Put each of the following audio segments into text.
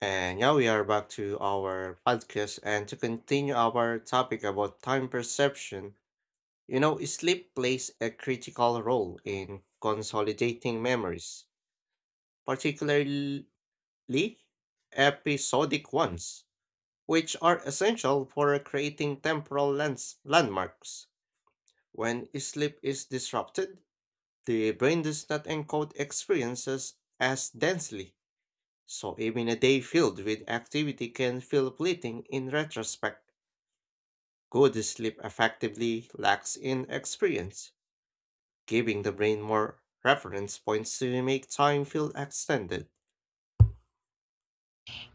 And now we are back to our podcast and to continue our topic about time perception. You know, sleep plays a critical role in consolidating memories, particularly episodic ones, which are essential for creating landmarks. When sleep is disrupted, the brain does not encode experiences as densely. So even a day filled with activity can feel fleeting in retrospect. Good sleep effectively lacks in experience, giving the brain more reference points to make time feel extended.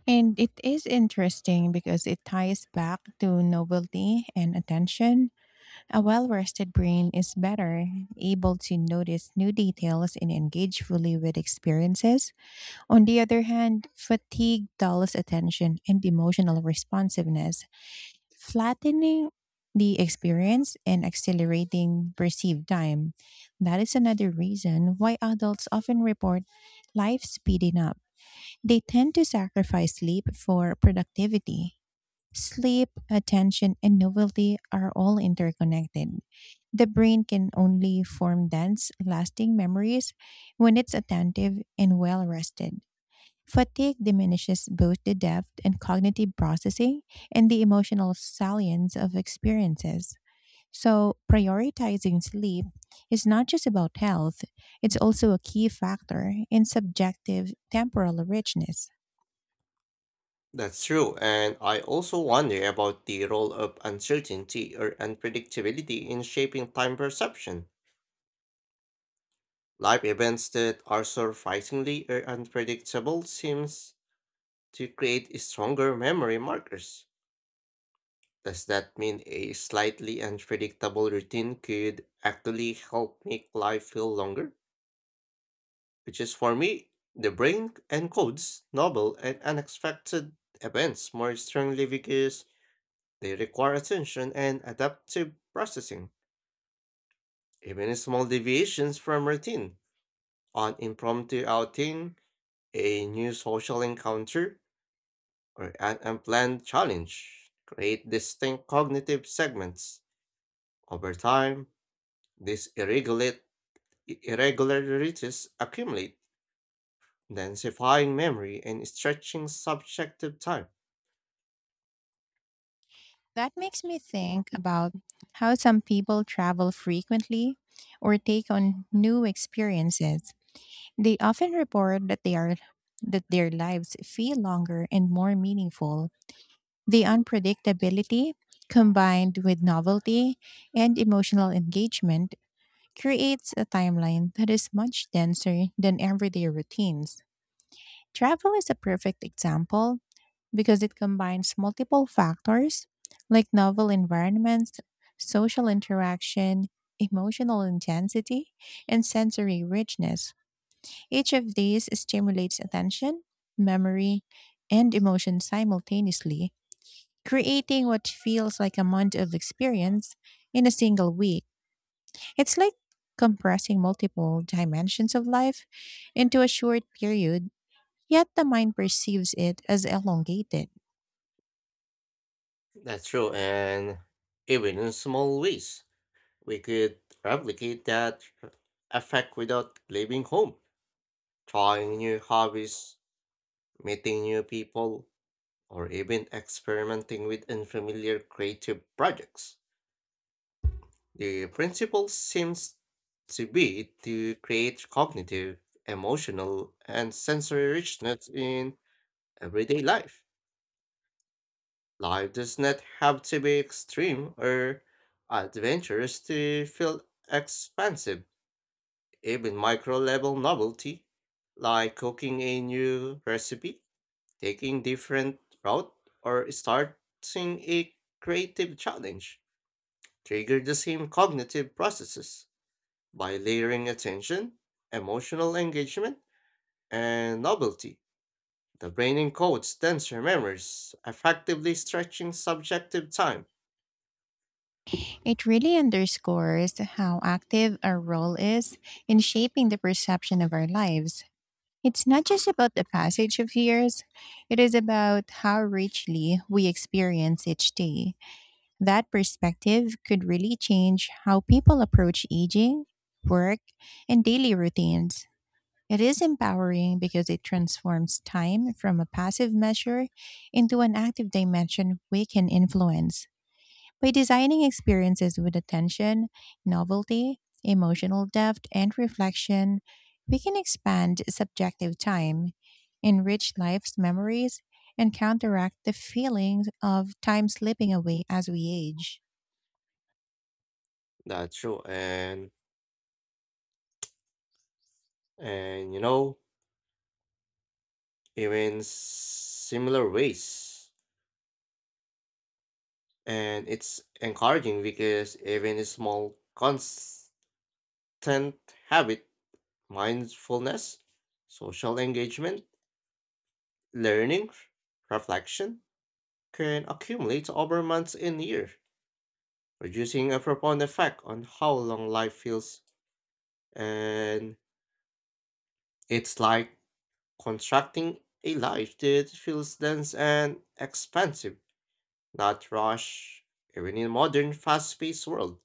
And it is interesting because it ties back to novelty and attention. A well rested brain is better able to notice new details and engage fully with experiences. On the other hand, fatigue dulls attention and emotional responsiveness, flattening the experience and accelerating perceived time. That is another reason why adults often report life speeding up they tend to sacrifice sleep for productivity. Sleep, attention, and novelty are all interconnected. The brain can only form dense, lasting memories when it's attentive and well rested. Fatigue diminishes both the depth and cognitive processing and the emotional salience of experiences. So, prioritizing sleep is not just about health, it's also a key factor in subjective temporal richness. That's true, and I also wonder about the role of uncertainty or unpredictability in shaping time perception. Life events that are surprisingly or unpredictable seems to create stronger memory markers. Does that mean a slightly unpredictable routine could actually help make life feel longer? Which is for me, the brain encodes novel and unexpected events more strongly because they require attention and adaptive processing. Even small deviations from routine, an impromptu outing, a new social encounter, or an unplanned challenge create distinct cognitive segments. Over time, this irregulate irregularities accumulate, densifying memory and stretching subjective time. That makes me think about how some people travel frequently or take on new experiences. They often report that they are that their lives feel longer and more meaningful. The unpredictability combined with novelty and emotional engagement creates a timeline that is much denser than everyday routines. Travel is a perfect example because it combines multiple factors like novel environments, social interaction, emotional intensity, and sensory richness. Each of these stimulates attention, memory, and emotion simultaneously, creating what feels like a month of experience in a single week. It's like compressing multiple dimensions of life into a short period, yet the mind perceives it as elongated. That's true, and even in small ways, we could replicate that effect without leaving home, trying new hobbies, meeting new people, or even experimenting with unfamiliar creative projects. The principle seems to be to create cognitive, emotional, and sensory richness in everyday life. Life does not have to be extreme or adventurous to feel expansive. Even micro level novelty, like cooking a new recipe, taking different route, or starting a creative challenge, trigger the same cognitive processes by layering attention, emotional engagement, and novelty. The brain encodes denser memories, effectively stretching subjective time. It really underscores how active our role is in shaping the perception of our lives. It's not just about the passage of years, it is about how richly we experience each day. That perspective could really change how people approach aging, work, and daily routines. It is empowering because it transforms time from a passive measure into an active dimension we can influence. By designing experiences with attention, novelty, emotional depth, and reflection, we can expand subjective time, enrich life's memories, and counteract the feelings of time slipping away as we age. That's true, and you know, even similar ways. And it's encouraging because even a small constant habit, mindfulness, social engagement, learning, reflection can accumulate over months and years, producing a profound effect on how long life feels. And it's like constructing a life that feels dense and expansive not rush. Even in modern fast paced world,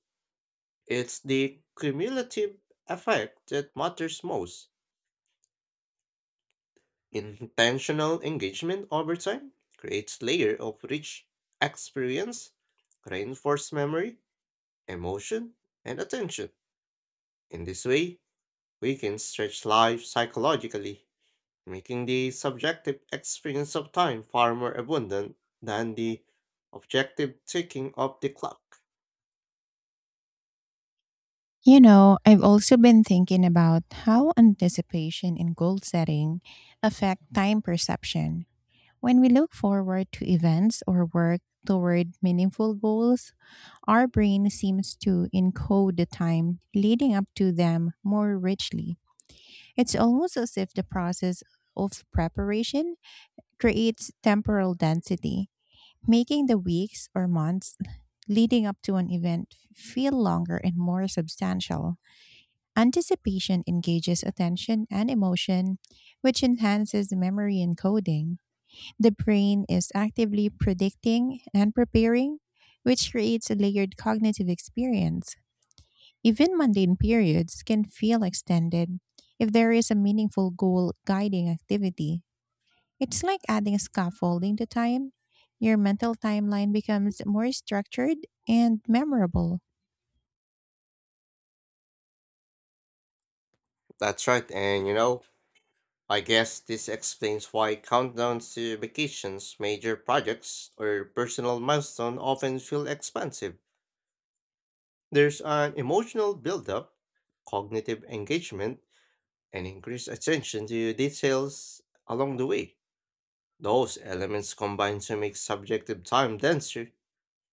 it's the cumulative effect that matters most. Intentional engagement over time creates layer of rich experience, reinforced memory, emotion, and attention. In this way, we can stretch life psychologically, making the subjective experience of time far more abundant than the objective ticking of the clock. You know, I've also been thinking about how anticipation and goal setting affect time perception. When we look forward to events or work toward meaningful goals, our brain seems to encode the time leading up to them more richly. It's almost as if the process of preparation creates temporal density, making the weeks or months leading up to an event feel longer and more substantial. Anticipation engages attention and emotion, which enhances memory encoding. The brain is actively predicting and preparing, which creates a layered cognitive experience. Even mundane periods can feel extended if there is a meaningful goal guiding activity. It's like adding scaffolding to time. Your mental timeline becomes more structured and memorable. That's right, and you know, I guess this explains why countdowns to vacations, major projects, or personal milestones often feel expansive. There's an emotional buildup, cognitive engagement, and increased attention to details along the way. Those elements combine to make subjective time denser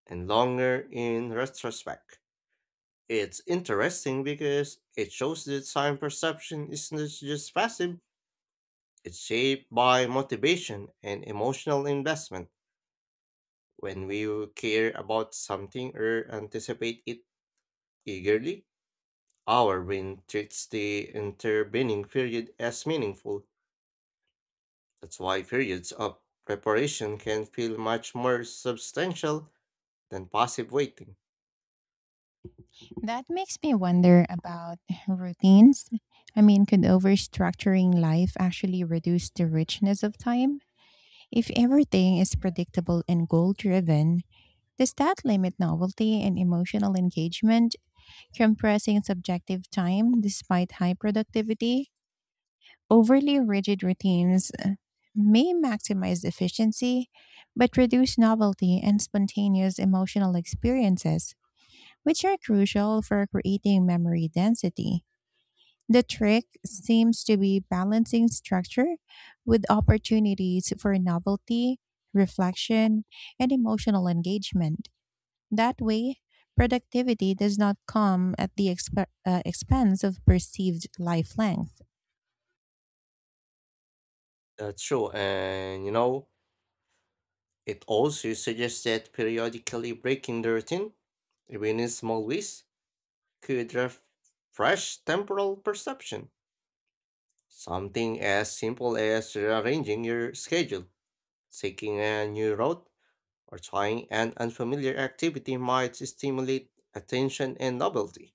and longer in retrospect. It's interesting because it shows that time perception is not just passive, it's shaped by motivation and emotional investment. When we care about something or anticipate it eagerly, our brain treats the intervening period as meaningful. That's why periods of preparation can feel much more substantial than passive waiting. That makes me wonder about routines. I mean, could overstructuring life actually reduce the richness of time? If everything is predictable and goal driven, does that limit novelty and emotional engagement? Compressing subjective time despite high productivity. Overly rigid routines may maximize efficiency, but reduce novelty and spontaneous emotional experiences, which are crucial for creating memory density. The trick seems to be balancing structure with opportunities for novelty, reflection, and emotional engagement. That way, productivity does not come at the expense of perceived life length. That's true, and you know, it also suggests that periodically breaking the routine, even in small ways, could refresh temporal perception. Something as simple as rearranging your schedule, taking a new route, or trying an unfamiliar activity might stimulate attention and novelty,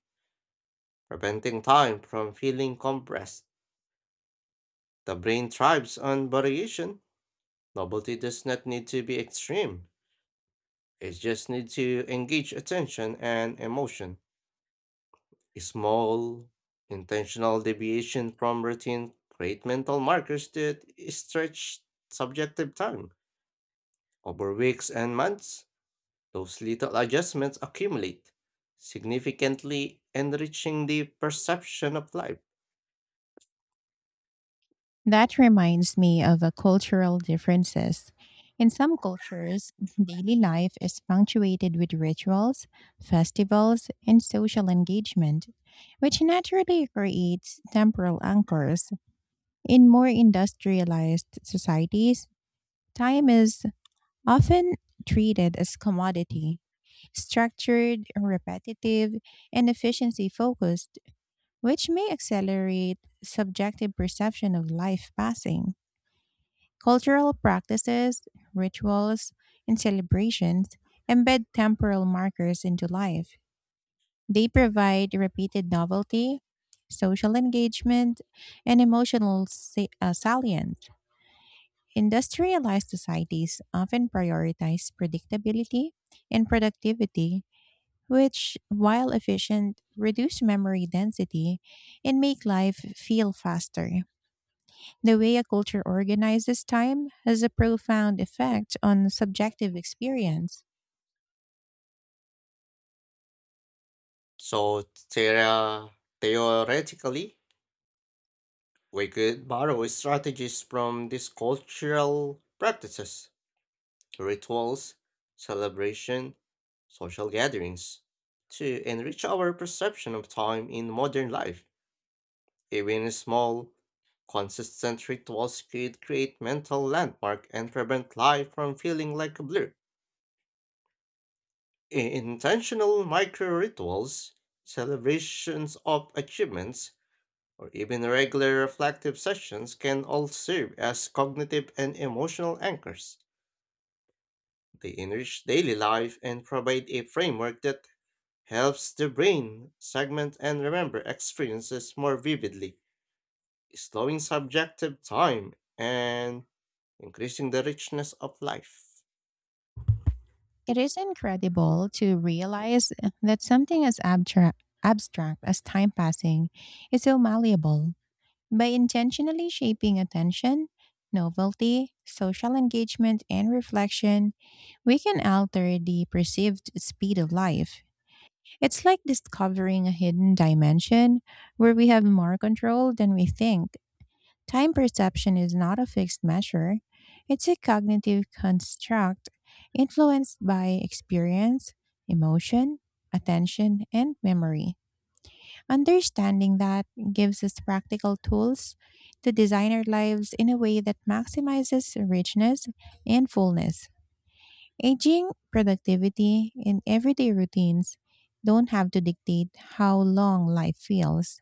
preventing time from feeling compressed. The brain thrives on variation. Novelty does not need to be extreme, it just needs to engage attention and emotion. Small, intentional deviation from routine create mental markers that stretch subjective time. Over weeks and months, those little adjustments accumulate, significantly enriching the perception of life. That reminds me of a cultural differences. In some cultures, daily life is punctuated with rituals, festivals, and social engagement, which naturally creates temporal anchors. In more industrialized societies, time is often treated as commodity structured, repetitive, and efficiency focused, which may accelerate subjective perception of life passing. Cultural practices, rituals, and celebrations embed temporal markers into life. They provide repeated novelty, social engagement, and emotional salience. Industrialized societies often prioritize predictability and productivity which, while efficient, reduce memory density and make life feel faster. The way a culture organizes time has a profound effect on subjective experience. So, thera- theoretically, we could borrow strategies from these cultural practices, rituals, celebration, social gatherings to enrich our perception of time in modern life. Even small, consistent rituals could create mental landmark and prevent life from feeling like a blur. Intentional micro rituals, celebrations of achievements, or even regular reflective sessions can all serve as cognitive and emotional anchors. They enrich daily life and provide a framework that helps the brain segment and remember experiences more vividly, slowing subjective time and increasing the richness of life. It is incredible to realize that something as abstract as time passing is so malleable. By intentionally shaping attention, novelty, social engagement, and reflection, we can alter the perceived speed of life. It's like discovering a hidden dimension where we have more control than we think. Time perception is not a fixed measure, it's a cognitive construct influenced by experience, emotion, attention, and memory. Understanding that gives us practical tools to design our lives in a way that maximizes richness and fullness. Aging, productivity, and everyday routines don't have to dictate how long life feels.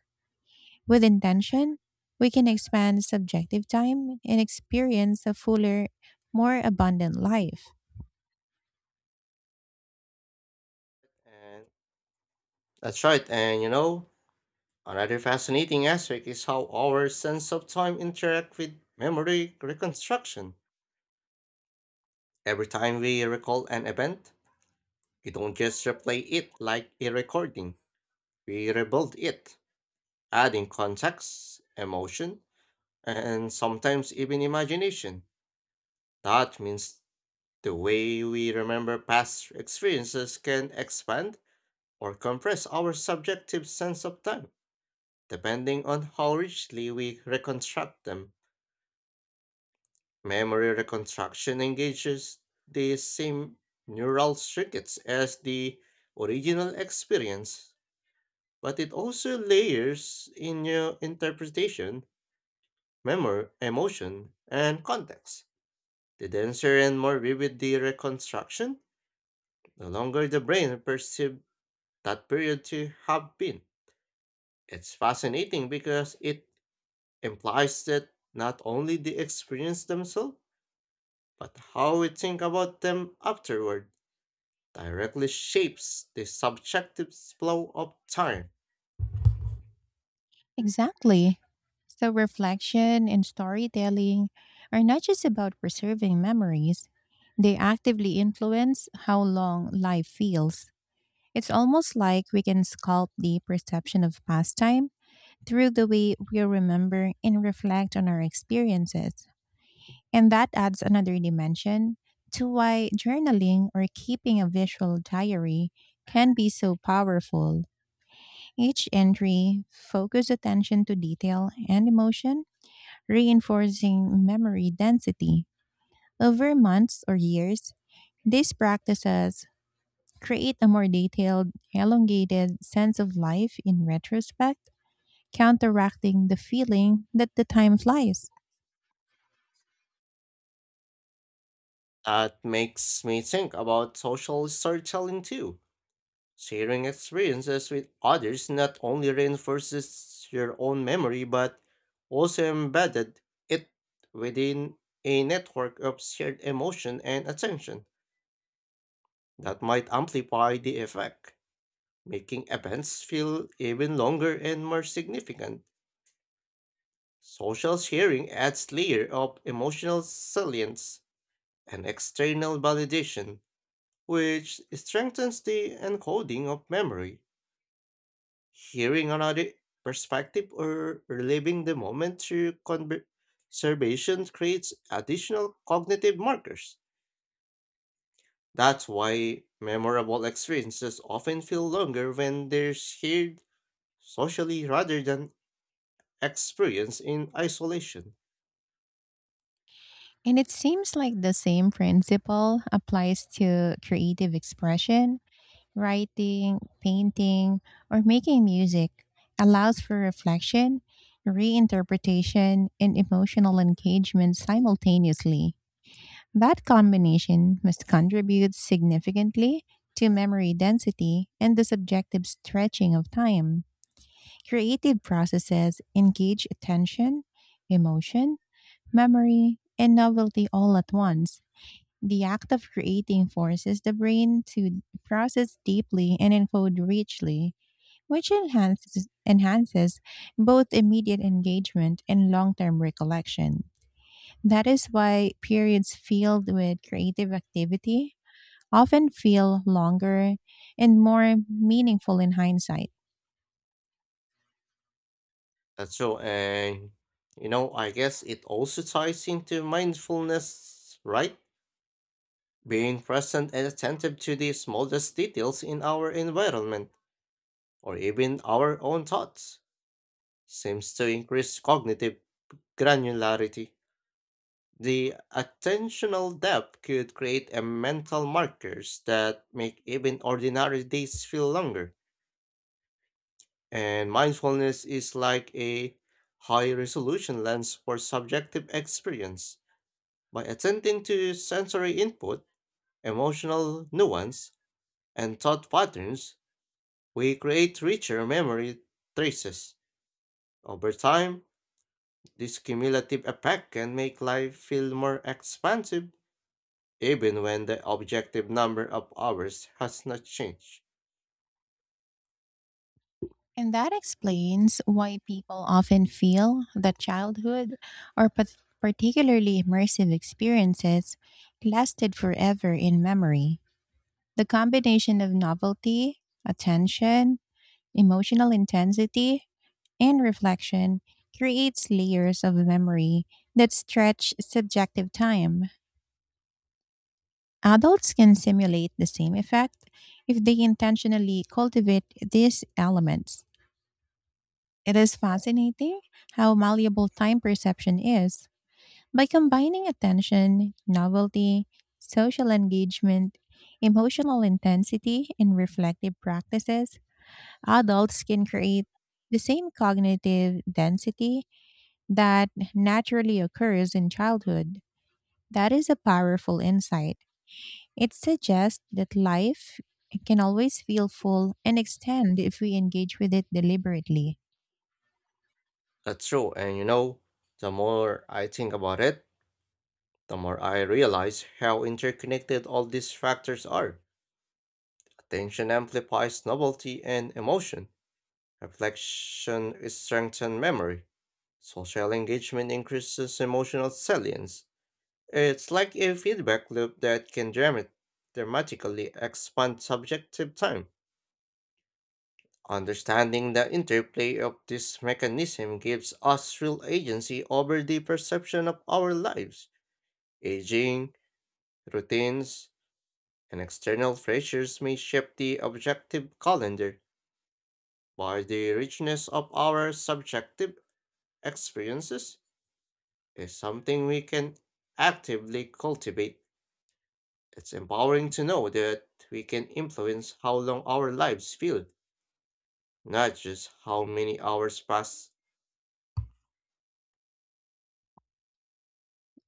With intention, we can expand subjective time and experience a fuller, more abundant life. And that's right. And you know, another fascinating aspect is how our sense of time interact with memory reconstruction. Every time we recall an event, we don't just replay it like a recording. We rebuild it, adding context, emotion, and sometimes even imagination. That means the way we remember past experiences can expand or compress our subjective sense of time. Depending on how richly we reconstruct them, memory reconstruction engages the same neural circuits as the original experience, but it also layers in new interpretation, memory, emotion, and context. The denser and more vivid the reconstruction, the longer the brain perceives that period to have been. It's fascinating because it implies that not only the experience themselves, but how we think about them afterward directly shapes the subjective flow of time. Exactly. So, reflection and storytelling are not just about preserving memories, they actively influence how long life feels. It's almost like we can sculpt the perception of pastime through the way we remember and reflect on our experiences. And that adds another dimension to why journaling or keeping a visual diary can be so powerful. Each entry focuses attention to detail and emotion, reinforcing memory density. Over months or years, these practices create a more detailed, elongated sense of life in retrospect, counteracting the feeling that the time flies. That makes me think about social storytelling too. Sharing experiences with others not only reinforces your own memory but also embedded it within a network of shared emotion and attention that might amplify the effect, making events feel even longer and more significant. Social sharing adds layer of emotional salience and external validation, which strengthens the encoding of memory. Hearing another perspective or reliving the moment through conversation creates additional cognitive markers. That's why memorable experiences often feel longer when they're shared socially rather than experienced in isolation. And it seems like the same principle applies to creative expression, writing, painting, or making music, allows for reflection, reinterpretation, and emotional engagement simultaneously. That combination must contribute significantly to memory density and the subjective stretching of time. Creative processes engage attention, emotion, memory, and novelty all at once the act of creating forces the brain to process deeply and encode richly, which enhances both immediate engagement and long term recollection. That is why periods filled with creative activity often feel longer and more meaningful in hindsight. That's so, and you know, I guess it also ties into mindfulness, right? Being present and attentive to the smallest details in our environment, or even our own thoughts, seems to increase cognitive granularity. The attentional depth could create a mental markers that make even ordinary days feel longer. And mindfulness is like a high resolution lens for subjective experience. By attending to sensory input, emotional nuance, and thought patterns, we create richer memory traces. Over time, this cumulative effect can make life feel more expansive, even when the objective number of hours has not changed. And that explains why people often feel that childhood or particularly immersive experiences lasted forever in memory. The combination of novelty, attention, emotional intensity, and reflection creates layers of memory that stretch subjective time. Adults can simulate the same effect if they intentionally cultivate these elements. It is fascinating how malleable time perception is. By combining attention, novelty, social engagement, emotional intensity, and reflective practices, adults can create the same cognitive density that naturally occurs in childhood. That is a powerful insight. It suggests that life can always feel full and extend if we engage with it deliberately. That's true, and you know, the more I think about it, the more I realize how interconnected all these factors are. Attention amplifies novelty and emotion. Reflection strengthens memory. Social engagement increases emotional salience. It's like a feedback loop that can dramatically expand subjective time. Understanding the interplay of this mechanism gives us real agency over the perception of our lives. Aging, routines, and external pressures may shape the objective calendar, but the richness of our subjective experiences is something we can actively cultivate. It's empowering to know that we can influence how long our lives feel, not just how many hours pass.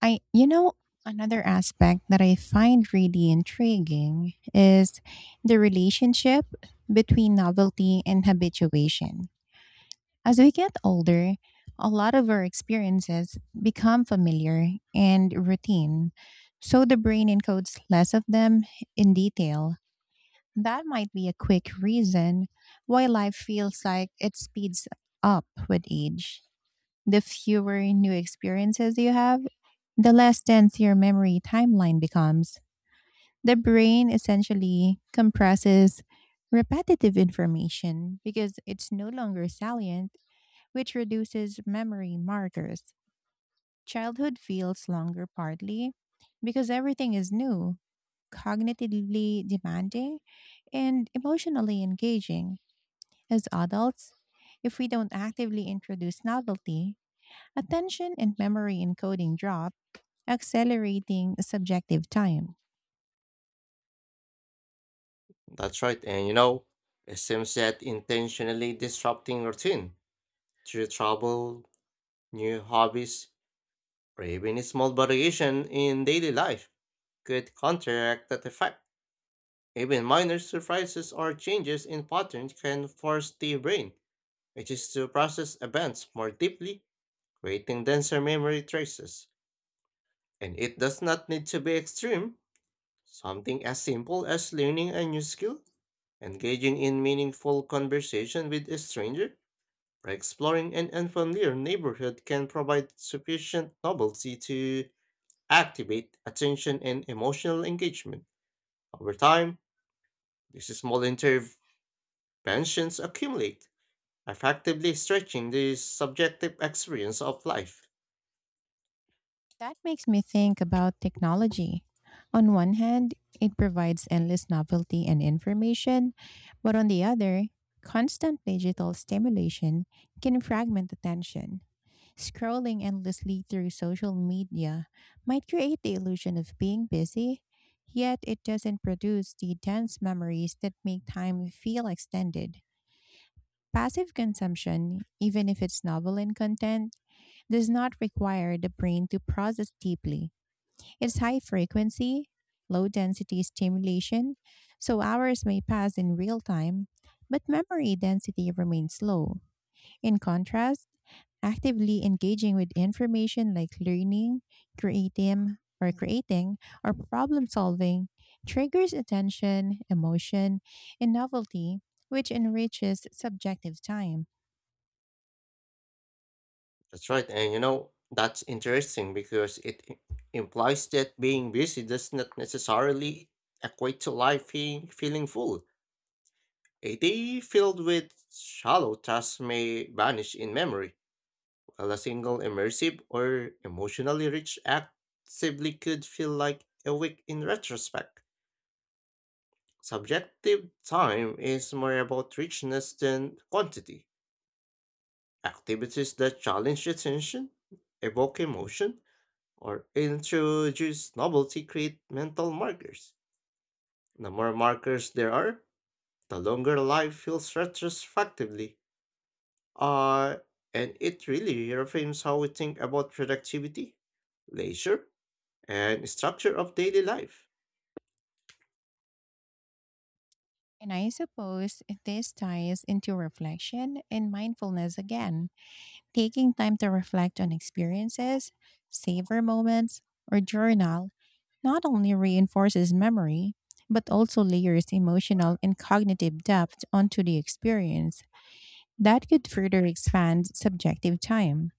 I, you know, Another aspect that I find really intriguing is the relationship between novelty and habituation. As we get older, a lot of our experiences become familiar and routine, so the brain encodes less of them in detail. That might be a quick reason why life feels like it speeds up with age. The fewer new experiences you have, the less dense your memory timeline becomes, the brain essentially compresses repetitive information because it's no longer salient, which reduces memory markers. Childhood feels longer partly because everything is new, cognitively demanding, and emotionally engaging. As adults, if we don't actively introduce novelty, attention and memory encoding drop, accelerating subjective time. That's right, and you know, it seems that intentionally disrupting routine through travel, new hobbies, or even a small variation in daily life could counteract that effect. Even minor surprises or changes in patterns can force the brain, which is to process events more deeply creating denser memory traces. And it does not need to be extreme. Something as simple as learning a new skill, engaging in meaningful conversation with a stranger, or exploring an unfamiliar neighborhood can provide sufficient novelty to activate attention and emotional engagement. Over time, these small interventions accumulate, effectively stretching the subjective experience of life. That makes me think about technology. On one hand, it provides endless novelty and information, but on the other, constant digital stimulation can fragment attention. Scrolling endlessly through social media might create the illusion of being busy, yet it doesn't produce the dense memories that make time feel extended. Passive consumption, even if it's novel in content, does not require the brain to process deeply. It's high frequency, low density stimulation, so hours may pass in real time, but memory density remains low. In contrast, actively engaging with information like learning, creating or problem solving triggers attention, emotion, and novelty, which enriches subjective time. That's right. And you know, that's interesting because implies that being busy does not necessarily equate to feeling full. A day filled with shallow tasks may vanish in memory, while a single immersive or emotionally rich act could feel like a week in retrospect. Subjective time is more about richness than quantity. Activities that challenge attention, evoke emotion, or introduce novelty create mental markers. The more markers there are, the longer life feels retrospectively. Uh, and it really reframes how we think about productivity, leisure, and structure of daily life. And I suppose this ties into reflection and mindfulness again, taking time to reflect on experiences, savor moments, or journal not only reinforces memory, but also layers emotional and cognitive depth onto the experience that could further expand subjective time.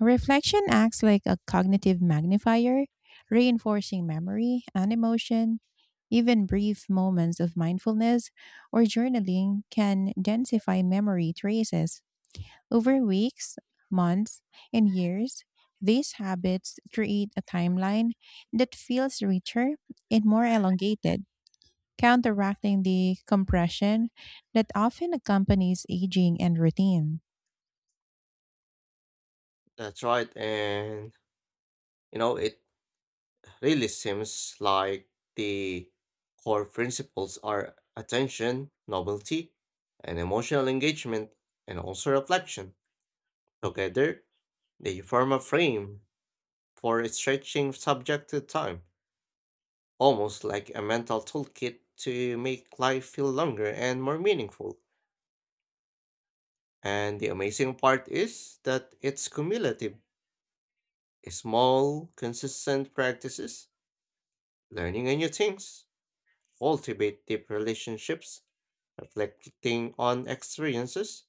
Reflection acts like a cognitive magnifier, reinforcing memory and emotion. Even brief moments of mindfulness or journaling can densify memory traces over weeks, months, and years, these habits create a timeline that feels richer and more elongated, counteracting the compression that often accompanies aging and routine. That's right. And, you know, it really seems like the core principles are attention, novelty, and emotional engagement, and also reflection. Together, they form a frame for stretching subject to time, almost like a mental toolkit to make life feel longer and more meaningful. And the amazing part is that it's cumulative. Small, consistent practices, learning a new things, cultivate deep relationships, reflecting on experiences,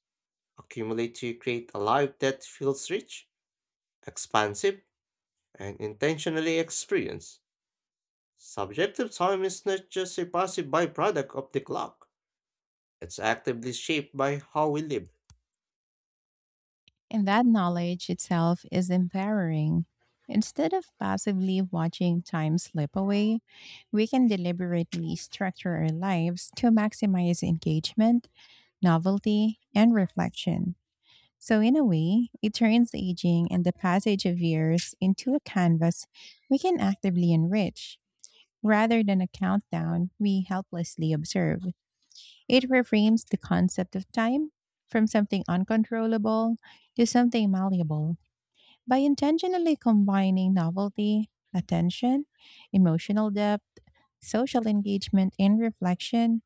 accumulate to create a life that feels rich, expansive, and intentionally experienced. Subjective time is not just a passive byproduct of the clock. It's actively shaped by how we live. And that knowledge itself is empowering. Instead of passively watching time slip away, we can deliberately structure our lives to maximize engagement, novelty, and reflection. So, in a way, it turns aging and the passage of years into a canvas we can actively enrich. Rather than a countdown we helplessly observe, it reframes the concept of time from something uncontrollable to something malleable by intentionally combining novelty, attention, emotional depth, social engagement, and reflection.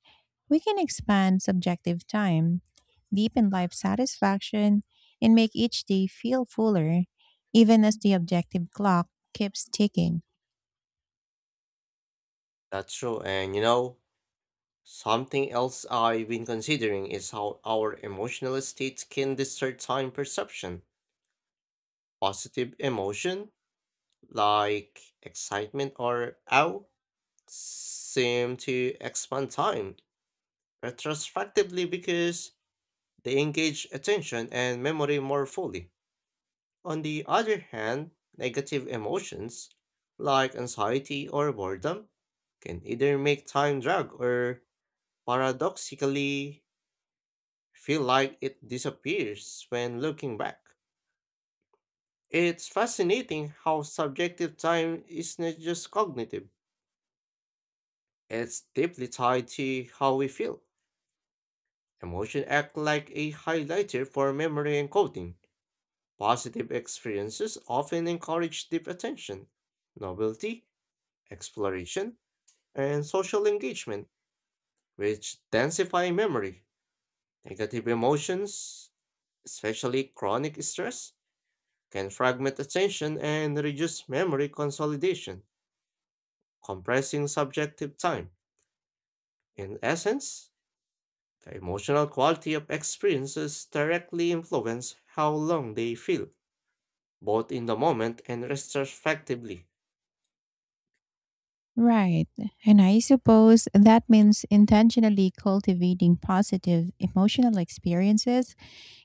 We can expand subjective time, deepen life satisfaction, and make each day feel fuller, even as the objective clock keeps ticking. That's true. And you know, something else I've been considering is how our emotional states can distort time perception. Positive emotion, like excitement or awe, seem to expand time retrospectively because they engage attention and memory more fully. On the other hand, negative emotions, like anxiety or boredom, can either make time drag or paradoxically feel like it disappears when looking back. It's fascinating how subjective time is not just cognitive, it's deeply tied to how we feel. Emotion act like a highlighter for memory encoding. Positive experiences often encourage deep attention, novelty, exploration, and social engagement, which densify memory. Negative emotions, especially chronic stress, can fragment attention and reduce memory consolidation, compressing subjective time. In essence, the emotional quality of experiences directly influence how long they feel, both in the moment and retrospectively. Right. And I suppose that means intentionally cultivating positive emotional experiences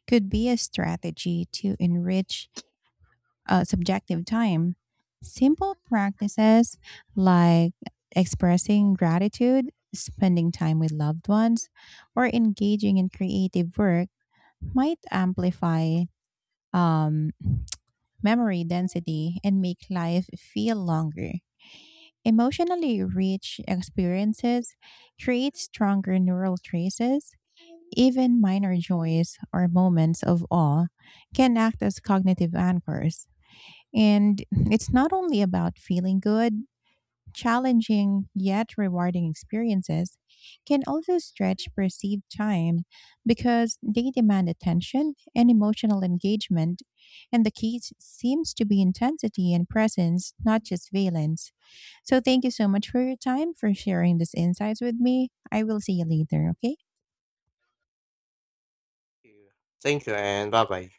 could be a strategy to enrich subjective time. Simple practices like expressing gratitude, spending time with loved ones, or engaging in creative work might amplify um, memory density and make life feel longer. Emotionally rich experiences create stronger neural traces. Even minor joys or moments of awe can act as cognitive anchors and it's not only about feeling good, challenging yet rewarding experiences can also stretch perceived time because they demand attention and emotional engagement. And the key seems to be intensity and presence, not just valence. So, thank you so much for your time, for sharing these insights with me. I will see you later, okay? Thank you and bye bye.